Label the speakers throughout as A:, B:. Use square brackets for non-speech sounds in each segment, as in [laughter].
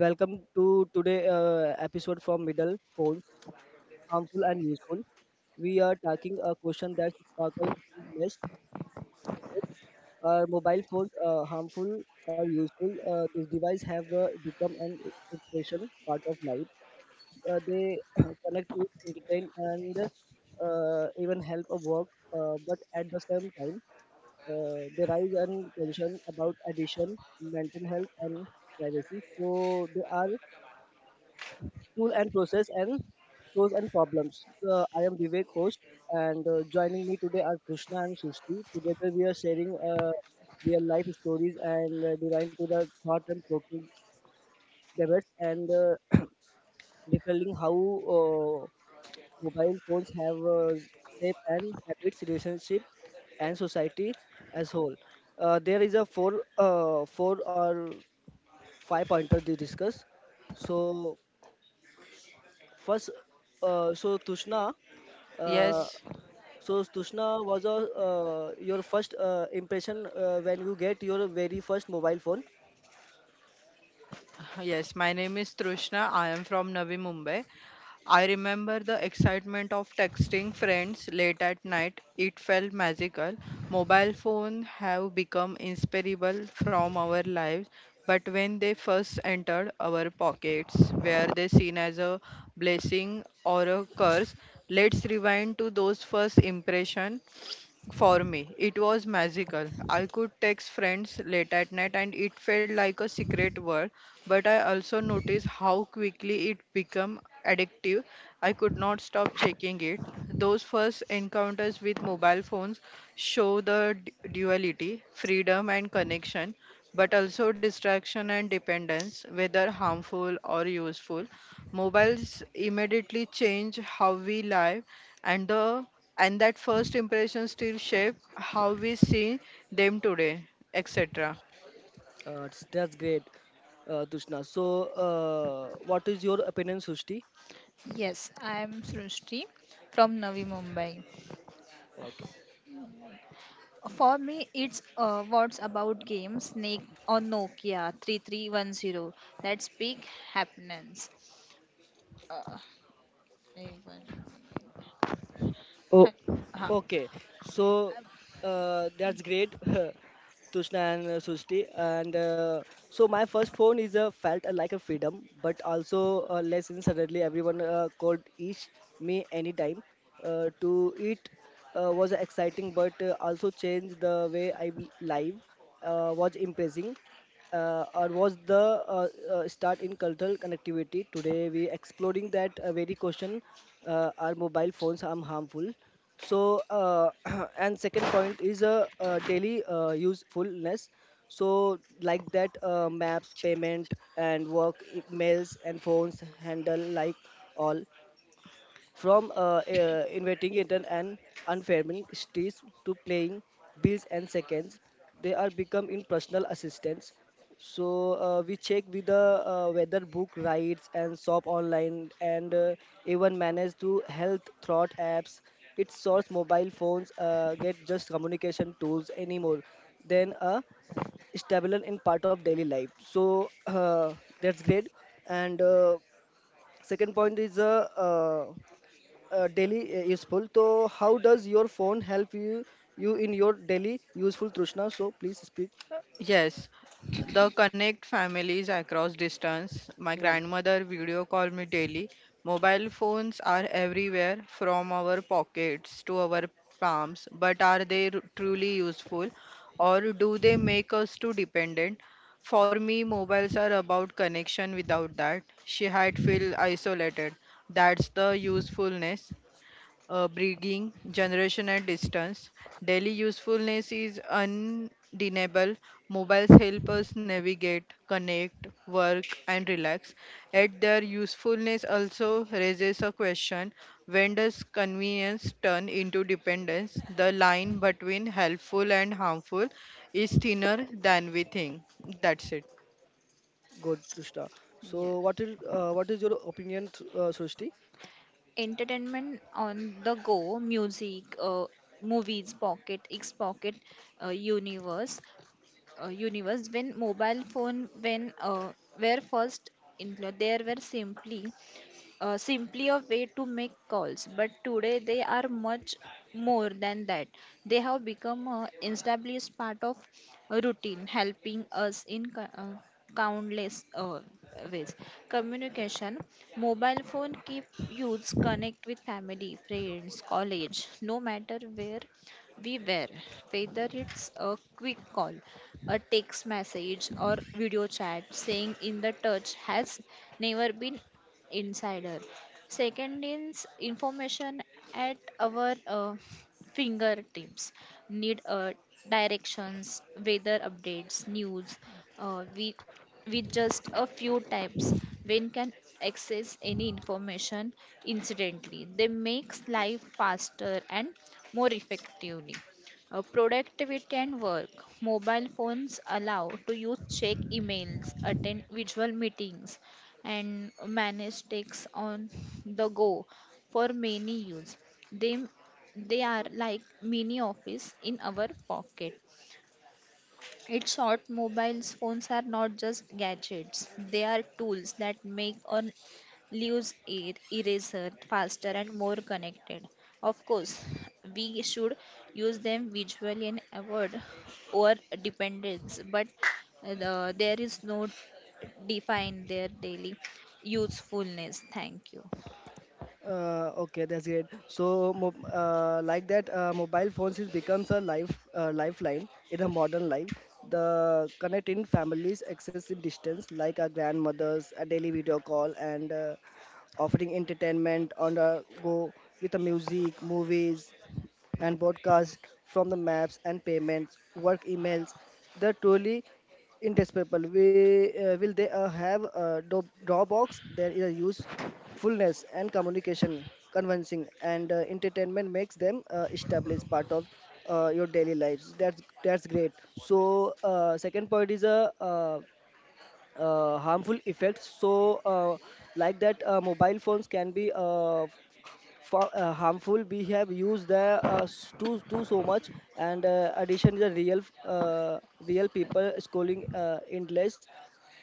A: Welcome to today episode from Middle Phones, harmful and useful. We are tackling a question that sparkles: less debates. Are mobile phones harmful or useful? This device have become an expression part of life. They [clears throat] connect, use, entertain, and even help a work. But at the same time, there is an concern about addiction, mental health, and privacy. So they are tool and process and tools and problems. So I am Vivek, host, and joining me today are Krishna and Sushti. Together we are sharing real life stories and divine to the thought and provoking debates and detailing how uh, mobile phones have shaped and habits, relationship, and society as whole. There is a four, four or five pointer to discuss. So first, uh, so Tushna, uh,
B: Yes,
A: so Tushna was a, your first impression when you get your very first mobile phone.
B: yes. My name is Trishna. I am from Navi Mumbai. I remember the excitement of texting friends late at night. It felt magical. Mobile phones have become inseparable from our lives, but when they first entered our pockets, were they seen as a blessing or a curse? Let's rewind to those first impression. For me, it was magical. I could text friends late at night and it felt like a secret world, but I also noticed how quickly it became addictive. I could not stop checking it. Those first encounters with mobile phones show the duality, freedom and connection, but also distraction and dependence, whether harmful or useful. Mobiles immediately change how we live and the and that first impression still shape how we see them today etc.
A: That's great, Tushna. So, what is your opinion, Sushti?
C: Yes, I am Srushti from Navi Mumbai.
A: Okay.
C: For me, it's what's about game Snake or Nokia 3310. That's big happiness. Uh, एक 1 minute.
A: Oh,
C: हाँ,
A: okay. So
C: हाँ,
A: that's great, [laughs] Tushna and Sushti. And so my first phone is felt like a freedom, but also a lesson. Suddenly, everyone called each me anytime. To eat was exciting, but also changed the way I live. Was impressing or was the start in cultural connectivity. Today we exploring that very question: are mobile phones harmful? So [clears throat] and second point is daily usefulness. So like that maps, payment and work, e- mails and phones handle like all. From inventing it and an unfaming streets to playing bills and seconds, they are become in personal assistance. So we check with the weather book rides and shop online and even manage through health thought apps. It sorts mobile phones get just communication tools anymore than a stabler in part of daily life. So that's great. And second point is daily useful, so how does your phone help you in your daily useful, Trishna, so please speak.
B: Yes, the connect families across distance. My
A: Hmm.
B: grandmother video call me daily. Mobile phones are everywhere, from our pockets to our palms, but are they truly useful, or do they make us too dependent? For me, mobiles are about connection. Without that, she had feel isolated. That's the usefulness. Breeding, generation, and distance. Daily usefulness is undeniable. Mobiles help us navigate, connect, work, and relax. Yet their usefulness also raises a question: when does convenience turn into dependence? The line between helpful and harmful is thinner than we think. That's it.
A: Good, Trishna.
C: yeah.
A: So what is your opinion, Srishti?
C: Entertainment on the go, music, movies, pocket x pocket, uh, universe universe. When mobile phone, when were first in, there were simply a way to make calls. But today they are much more than that. They have become an established part of a routine, helping us in countless ways. Communication, mobile phone keep youths connect with family, friends, college, no matter where we were, whether it's a quick call, a text message or video chat, staying in the touch has never been insider. Second is information at our fingertips. Need directions, weather updates, news. We with just a few taps, one can access any information. Incidentally, they makes life faster and more effectively. Productivity and work. Mobile phones allow to use, check emails, attend visual meetings, and manage takes on the go. For many use, They, they are like mini office in our pocket. It's short, mobile phones are not just gadgets. They are tools that make or leaves air eraser faster and more connected. Of course, we should use them visually and avoid over dependence, but there is no define their daily usefulness. Thank you.
A: Okay, that's great. So, like that, mobile phones is becomes a lifeline in a modern life. The connecting families, access in distance, like our grandmothers, a daily video call, and offering entertainment on the go with the music, movies, and broadcast from the maps and payments, work emails. They're truly in test paper we will they have a drawbacks, there is a usefulness and communication convincing and entertainment makes them established part of your daily lives. That's great. So second point is a harmful effects. So like that mobile phones can be harmful. We have used the too too so much, and addition is a real real people scrolling endless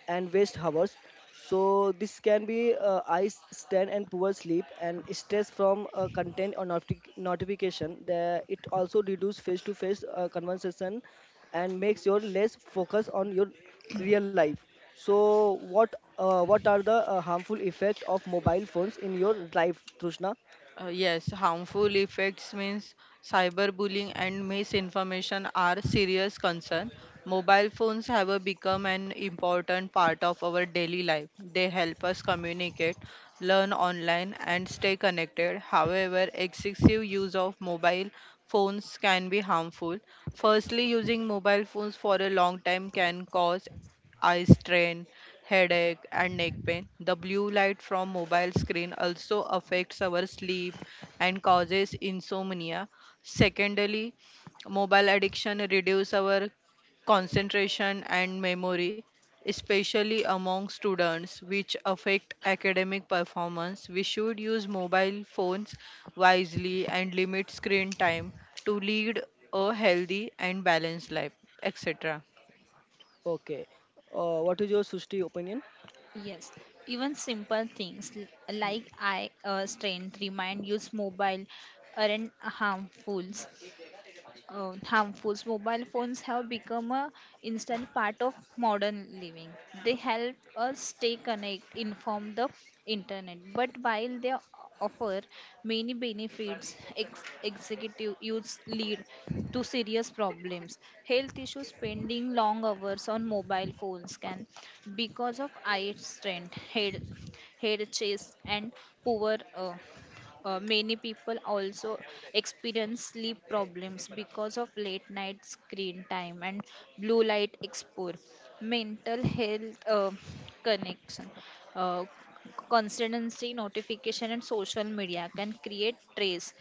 A: and waste hours. So this can be eyes stand and poor sleep and stress from content or notification, the, it also reduce face to face conversation and makes your less focus on your real life. So what are the harmful effect of mobile phones in your life, Trushna?
B: Yes, Harmful effects means cyberbullying and misinformation are serious concern. Mobile phones have become an important part of our daily life. They help us communicate, learn online, and stay connected. However, excessive use of mobile phones can be harmful. Firstly, using mobile phones for a long time can cause eye strain, headache, and neck pain. The blue light from mobile screen also affects our sleep and causes insomnia. Secondly, mobile addiction reduces our concentration and memory, especially among students, which affect academic performance. We should use mobile phones wisely and limit screen time to lead a healthy and balanced life, etc.
A: Okay. What is your Sushti opinion?
C: Yes, even simple things like eye strain remind use mobile aren't harmful. Harmful. So, mobile phones have become a instant part of modern living. They help us stay connected, inform the internet. But while they offer many benefits, executive use lead to serious problems. Health issues, spending long hours on mobile phones can because of eye strain, head chase, and poor many people also experience sleep problems because of late night screen time and blue light exposure. Mental health, connection, uh, constancy notification, and social media can create stress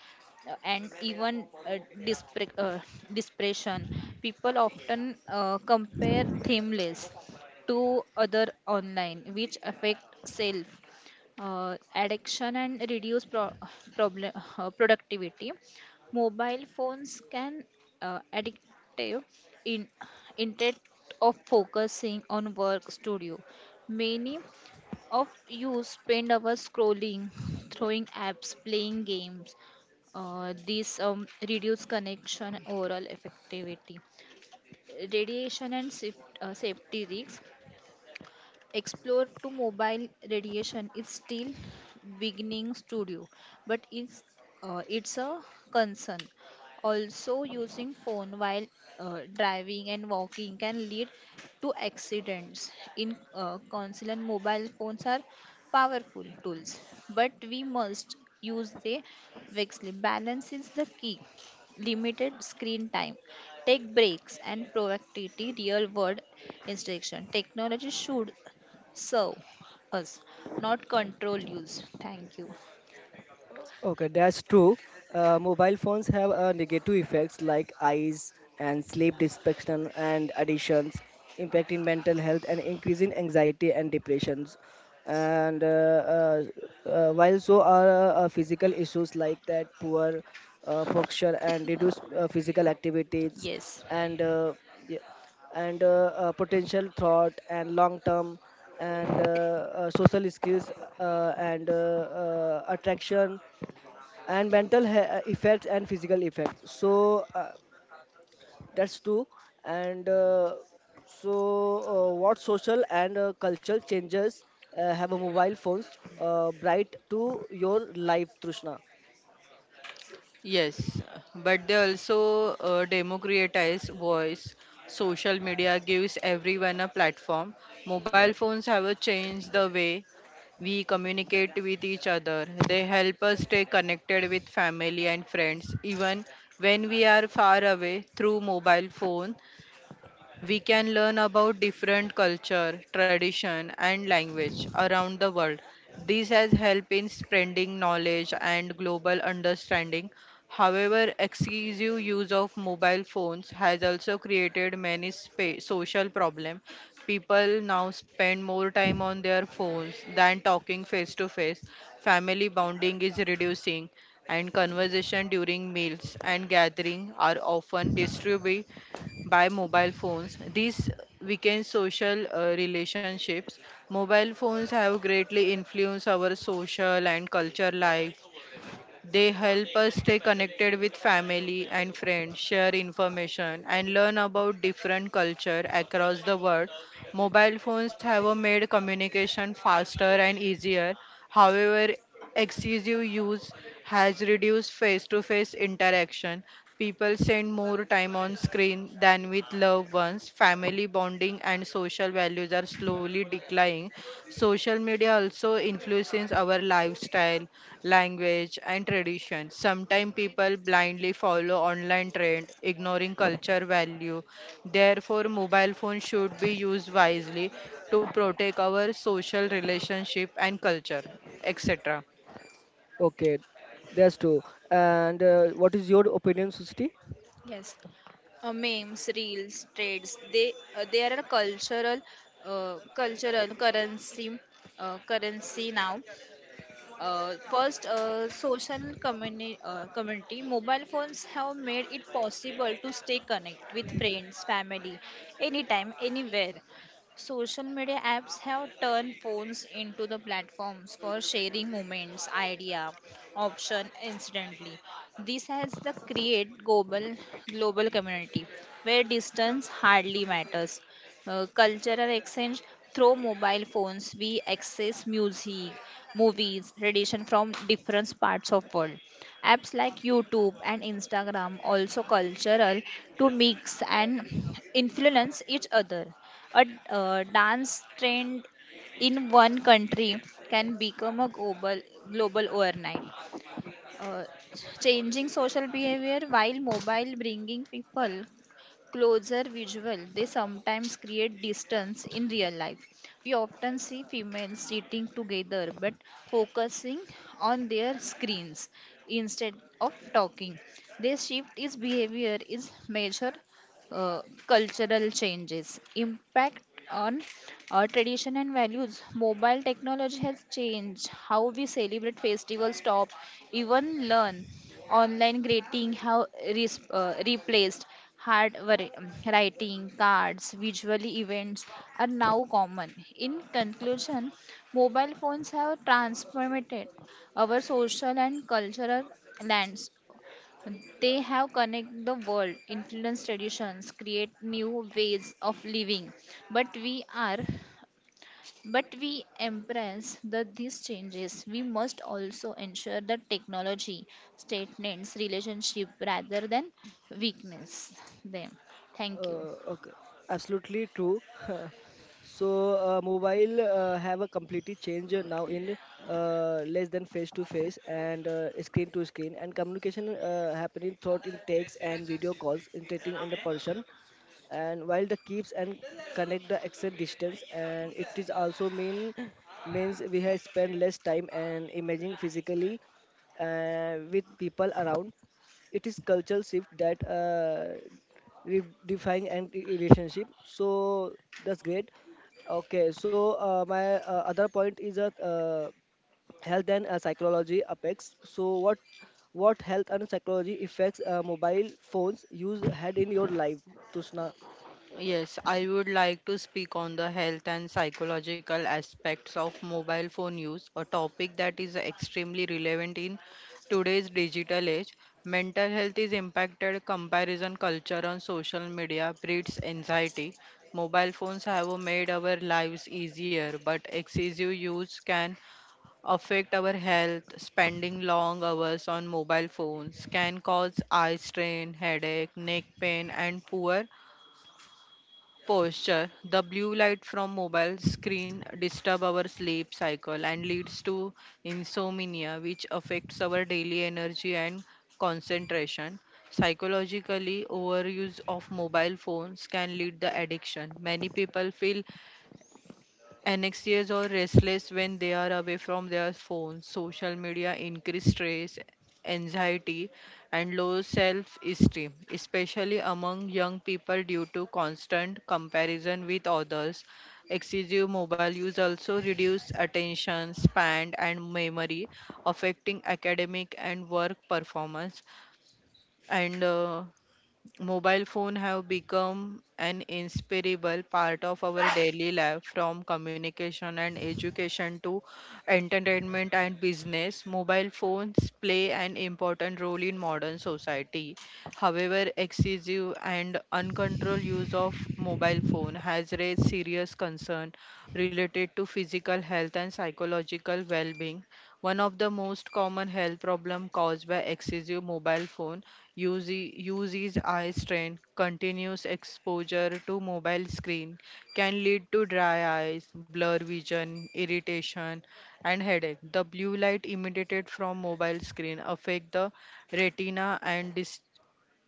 C: and even depression. People often compare themeless to other online, which affect self, addiction and reduce pro- problem productivity. Mobile phones can addictive in intent of focusing on work studio. Many of you spend hours scrolling, throwing apps, playing games. These reduce connection overall effectivity. Radiation and safety risks, explore to mobile radiation is still beginning studio, but it's a concern. Also, using phone while driving and walking can lead to accidents. In council, mobile phones are powerful tools, but we must use the wisely. Balance is the key, limited screen time, take breaks and proactivity real world instruction. Technology should, so, us, not control use. Thank you.
A: Okay, that's true. Mobile phones have negative effects like eyes and sleep distraction and addictions, impacting mental health and increasing anxiety and depressions. And while so are physical issues like that, poor posture and reduced physical activities,
C: Yes,
A: and yeah, and potential thought and long term and social skills, and attraction and mental effects and physical effects. So that's two. And so what social and cultural changes have a mobile phones bright to your life, Trishna?
B: Yes, but they also democratize voice. Social media gives everyone a platform. Mobile
A: Yeah,
B: phones have changed the way we communicate with each other. They help us stay connected with family and friends, even when we are far away through mobile phone. We can learn about different culture, tradition and language around the world. This has helped in spreading knowledge and global understanding. However, excessive use of mobile phones has also created many social problems. People now spend more time on their phones than talking face to face. Family bonding is reducing and conversation during meals and gathering are often disturbed by mobile phones. These weaken social relationships. Mobile phones have greatly influenced our social and culture life. They help us stay connected with family and friends, share information, and learn about different culture across the world. Mobile phones have made communication faster and easier. However, excessive use has reduced face-to-face interaction. People spend more time on screen than with loved ones. Family bonding and social values are slowly declining. Social media also influences our lifestyle, language, and tradition. Sometimes people blindly follow online trend, ignoring culture value. Therefore, mobile phones should be used wisely to protect our social relationship and culture, etc.
A: okay, that's true. And what is your opinion, Susti?
C: yes. Memes, reels, trades. They are a cultural currency now. First, social community. Mobile phones have made it possible to stay connected with friends, family, anytime, anywhere. Social media apps have turned phones into the platforms for sharing moments, idea, option instantly. This has the create global, global community where distance hardly matters. Cultural exchange through mobile phones, we access music, movies, radiation from different parts of world. Apps like YouTube and Instagram also cultural to mix and influence each other. A dance trend in one country can become a global, global overnight. uh, Changing social behavior, while mobile bringing people closer visual, they sometimes create distance in real life. We often see females sitting together but focusing on their screens instead of talking. This shift in behavior is measured, uh, cultural changes impact on tradition and values. Mobile technology has changed how we celebrate festivals. Stop, even learn online greeting, how replaced hard writing cards visually. Events are now common. In conclusion, mobile phones have transformed our social and cultural lands. They have connect the world, influence traditions, create new ways of living. But we are but we embrace the, these changes. We must also ensure that technology statements relationship rather than weakness them. Thank you.
A: Okay, absolutely true. [laughs] So, mobile have a completely change now in less than face to face and screen to screen, and communication happening through in text and video calls, interacting in the person. And while the keeps and connect the extend distance, and it is also means we have spent less time and imaging physically with people around. It is cultural shift that. Redefining and relationship. So that's great. Okay, so my other point is that health and psychology apex. So what health and psychology effects mobile phones use had in your life, Tushna?
B: Yes, I would like to speak on the health and psychological aspects of mobile phone use, a topic that is extremely relevant in today's digital age. Mental health is impacted. Comparison culture on social media breeds anxiety. Mobile phones have made our lives easier, but excessive use can affect our health. Spending long hours on mobile phones can cause eye strain, headache, neck pain, and poor posture. The blue light from mobile screen disturb our sleep cycle and leads to insomnia, which affects our daily energy and concentration. Psychologically, overuse of mobile phones can lead to addiction. Many people feel anxious or restless when they are away from their phones. Social media increase stress, anxiety, and low self esteem, especially among young people due to constant comparison with others. Excessive mobile use also reduce attention span and memory, affecting academic and work performance. And Mobile phone have become an inseparable part of our daily life, from communication and education to entertainment and business. Mobile phones play an important role in modern society. However, excessive and uncontrolled use of mobile phone has raised serious concern related to physical health and psychological well-being. One of the most common health problem caused by excessive mobile phone use is eye strain. Continuous exposure to mobile screen can lead to dry eyes, blur vision, irritation, and headache. The blue light emitted from mobile screen affect the retina and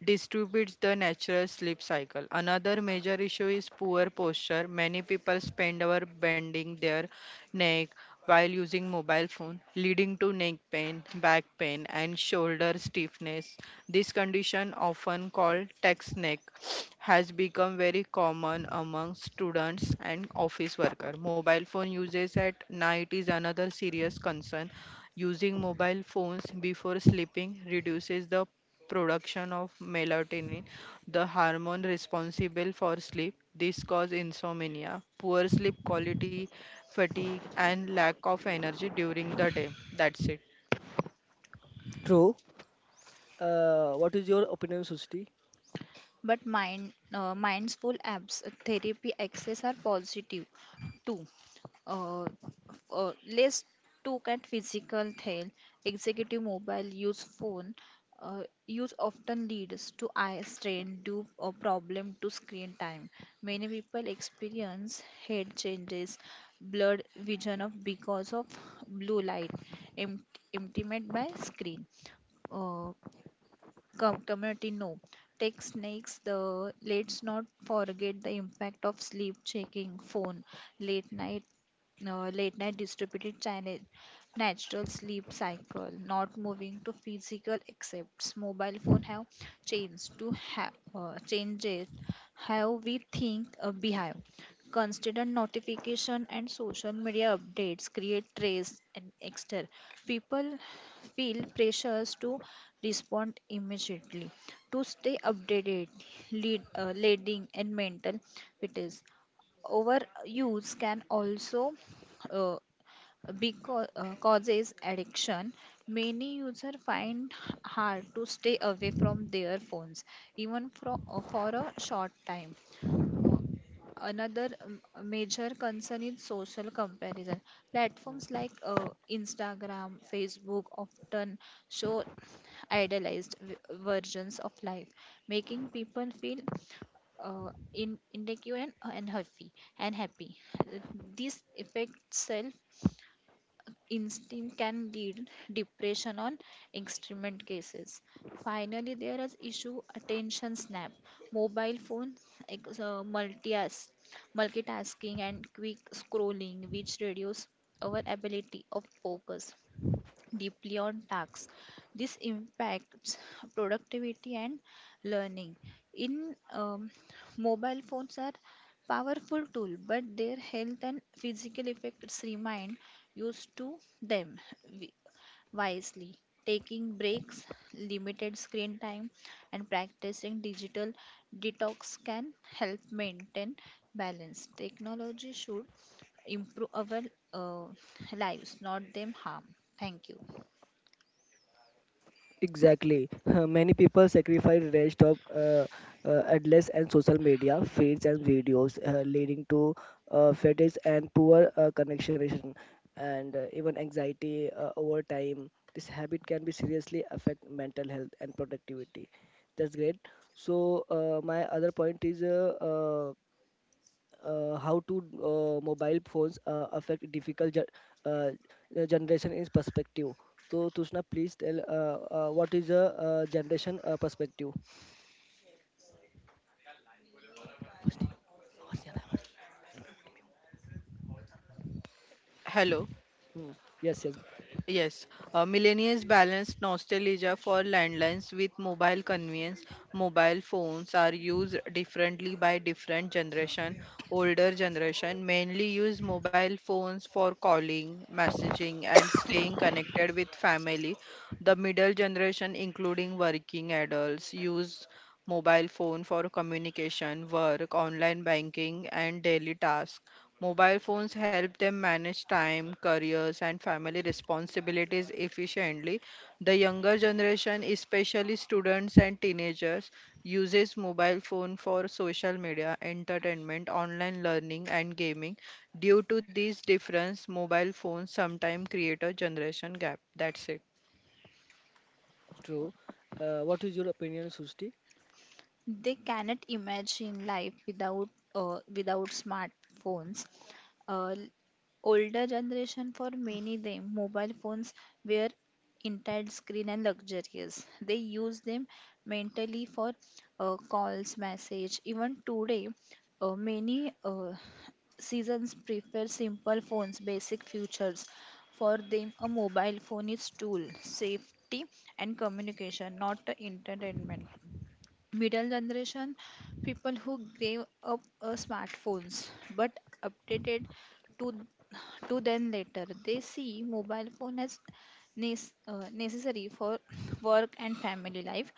B: distributes the natural sleep cycle. Another major issue is poor posture. Many people spend hours bending their neck while using mobile phone, leading to neck pain, back pain, and shoulder stiffness. This condition, often called text neck, has become very common among students and office workers. Mobile phone usage at night is another serious concern. Using mobile phones before sleeping reduces the production of melatonin, the hormone responsible for sleep. This causes insomnia, poor sleep quality, fatigue, and lack of energy during the day. That's it.
A: True. What is your opinion, Sushti?
C: But Mind, mindful apps, therapy access are positive too. Uh, let's look at physical health. Executive mobile use phone use often leads to eye strain due a problem to screen time. Many people experience head changes, blurred vision of because of blue light, em- intimate by screen. Uh, Com- community know. Tech snakes, the let's not forget the impact of sleep checking, phone, late night, late night distributed channel, natural sleep cycle, not moving to physical accepts. Mobile phone have changed to have changes how we think behave. Constant notification and social media updates create stress and extra. People feel pressures to respond immediately, to stay updated, leading and mental fitness. Overuse can also uh, because causes addiction. Many users find hard to stay away from their phones even for a short time. Uh, another major concern is social comparison. Platforms like Instagram, Facebook often show idealized versions of life, making people feel inadequate and happy. This affects instinct, can lead depression on extreme cases. Finally, there is issue attention snap, mobile phone, ex- uh, multias- multitasking and quick scrolling, which reduce our ability of focus deeply on tasks. This impacts productivity and learning. In Mobile phones are powerful tool, but their health and physical effects remind used to them wi- wisely. Taking breaks, limited screen time, and practicing digital detox can help maintain balance. Technology should improve our uh, lives, not them harm. Thank you.
A: Exactly. [laughs] Many people sacrifice rest of endless and social media feeds and videos, leading to fatigue and poor connection and even anxiety over time. This habit can be seriously affect mental health and productivity. That's great. So my other point is how to mobile phones affect difficult uh, generation in perspective. So Tushna, please tell what is the generation perspective.
B: Hello.
A: Hmm. Yes, yes,
B: Yes, millennials balance nostalgia for landlines with mobile convenience. Mobile phones are used differently by different generation. Older generation mainly use mobile phones for calling, messaging, and staying connected with family. The middle generation, including working adults, use mobile phone for communication, work, online banking, and daily tasks. Mobile phones help them manage time, careers, and family responsibilities efficiently. The younger generation, especially students and teenagers, uses mobile phone for social media, entertainment, online learning, and gaming. Due to these difference, mobile phones sometimes create a generation gap. That's it.
A: true. What is your opinion, Sushti?
C: They cannot imagine life without smartphones. Uh, Older generation, for many them mobile phones were entire screen and luxurious. They use them mentally for calls, message. Even today, many seasons prefer simple phones, basic features. For them, a mobile phone is tool, safety and communication, not a entertainment. Middle generation, people who gave up smartphones but updated to to them later. They see mobile phone as necessary for [laughs] work and family life.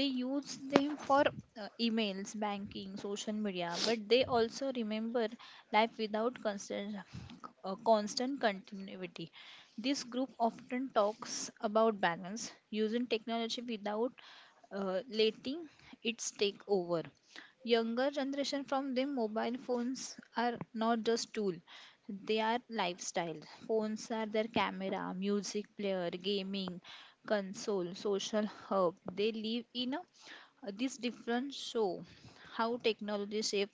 C: They use them for emails, banking, social media, but they also remember life without constant continuity. This group often talks about balance, using technology without letting its take over. Younger generation, from them, mobile phones are not just tool; they are lifestyle. Phones are their camera, music player, gaming console, social hub. They live in a this different show how technology shape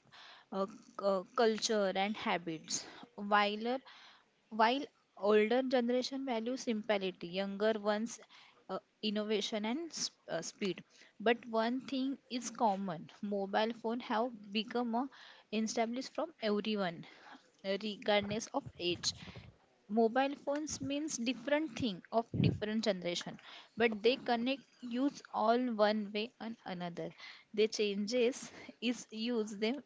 C: culture and habits. While a while older generation values simplicity, younger ones, innovation and speed. But one thing is common: mobile phone have become a established from everyone, regardless of age. Mobile phones means different thing of different generation, but they connect use all one way and another. They changes is use them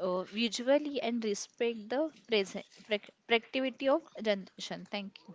C: visually and respect the present productivity of generation. Thank you.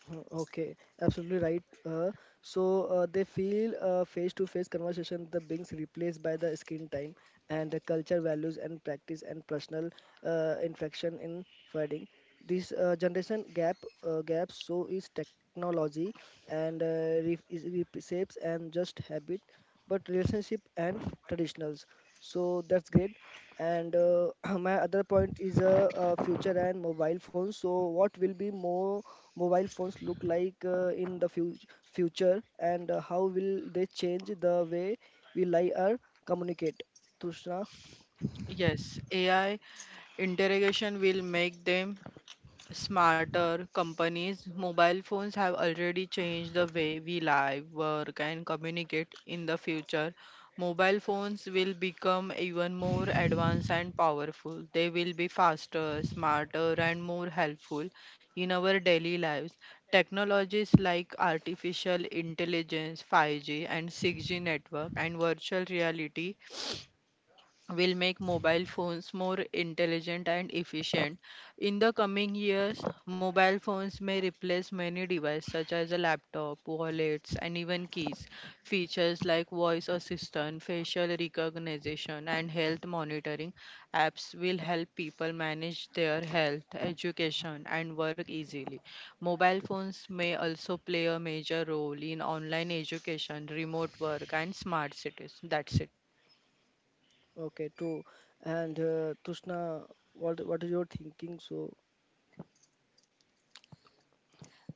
A: Hmm, okay, absolutely right. So they feel face-to-face conversation the beings replaced by the screen time and the culture values and practice and personal infection in fighting. This generation gap gap so is technology and is reshapes and just habit, but relationship and traditionals. So that's great. And [clears throat] my other point is future and mobile phones. So, what will be more mobile phones look like in the fu future, and how will they change the way we lie or communicate? Tushna,
B: Yes, AI interrogation will make them smarter companies. Mobile phones have already changed the way we live, work, and communicate in the future. Mobile phones will become even more advanced and powerful. They will be faster, smarter, and more helpful in our daily lives. Technologies like artificial intelligence, 5G, and 6G network, and virtual reality will make mobile phones more intelligent and efficient. In the coming years, mobile phones may replace many devices such as a laptop, wallets, and even keys. Features like voice assistant, facial recognition, and health monitoring apps will help people manage their health, education, and work easily. Mobile phones may also play a major role in online education, remote work, and smart cities. That's it.
A: okay, true. And Tushna, what is your thinking? So,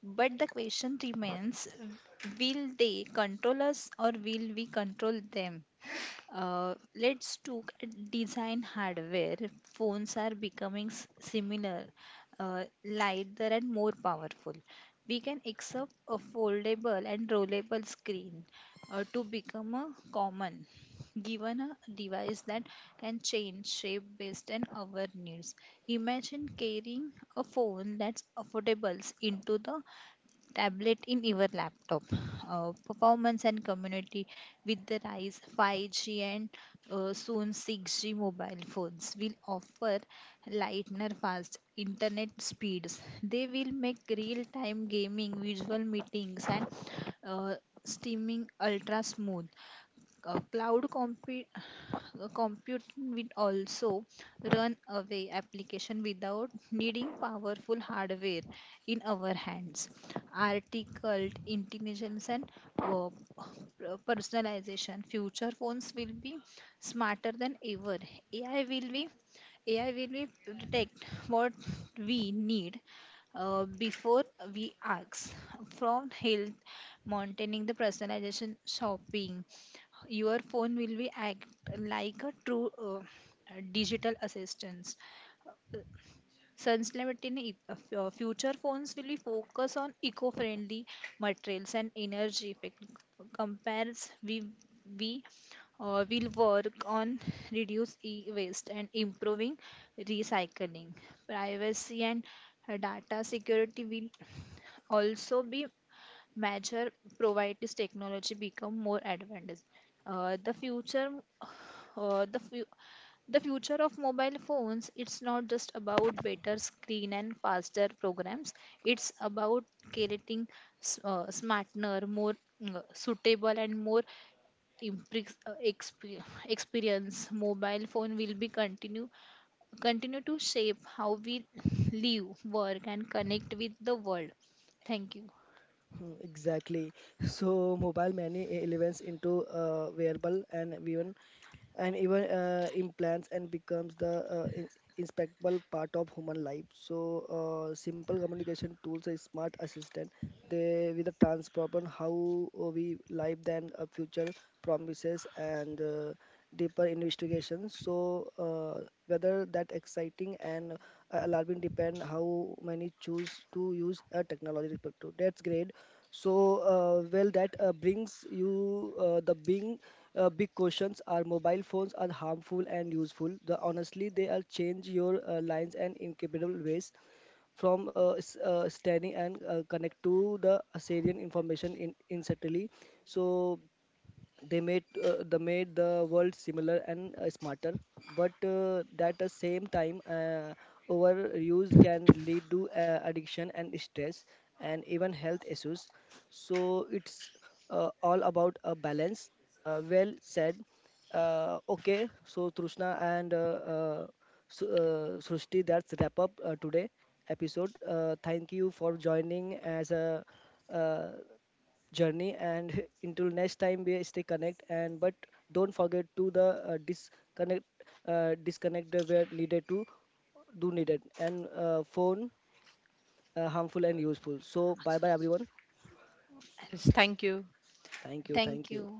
C: But the question remains, will they control us or will we control them? Let's talk design hardware. Phones are becoming similar, lighter and more powerful. We can accept a foldable and rollable screen to become a common, given a device that can change shape based on our needs. Imagine carrying a phone that's affordable into the tablet in your laptop. Performance and community with the rise 5G and soon 6G mobile phones will offer lightner fast internet speeds. They will make real time gaming, visual meetings and uh, streaming ultra smooth. Cloud compute [sighs] compute will also run away application without needing powerful hardware in our hands. Article intelligence and uh, personalization, future phones will be smarter than ever. Ai will be ai will be detect what we need before we ask. From health maintaining, the personalization shopping, your phone will be act like a true digital assistance. Uh, Sustainability, future phones will be focus on eco-friendly materials and energy effect. Compares we will work on reduce e-waste and improving recycling. Privacy and data security will also be major. Provide this technology become more advanced. Uh, the future uh, the fu- the future of mobile phones, it's not just about better screen and faster programs, it's about creating smarter, more suitable and more experience. Mobile phone will be continue to shape how we live, work and connect with the world. thank you
A: hmm, exactly. [laughs] So, mobile many elements into wearable and even implants and becomes the inseparable part of human life. So simple communication tools, a smart assistant, they with a transform how we live than a future promises and deeper investigations. So whether that exciting and alarming depend how many choose to use a technology respect to. That's great. So well that brings you the big big questions, are mobile phones are harmful and useful? The honestly they are change your lines and incapable ways, from standing and connect to the Assyrian information in instantly. So they made the world similar and smarter, but at the same time overuse can lead to addiction and stress and even health issues. So it's all about a balance. Well said. Okay, so Trishna and uh, Srushti, that's wrap up today episode. Thank you for joining as a uh, journey and [laughs] until next time we stay connect and, but don't forget to the disconnect the where needed to do needed and phone harmful and useful. So bye bye everyone,
B: Yes, thank you.
A: thank you
C: Thank
A: thank you.
C: you.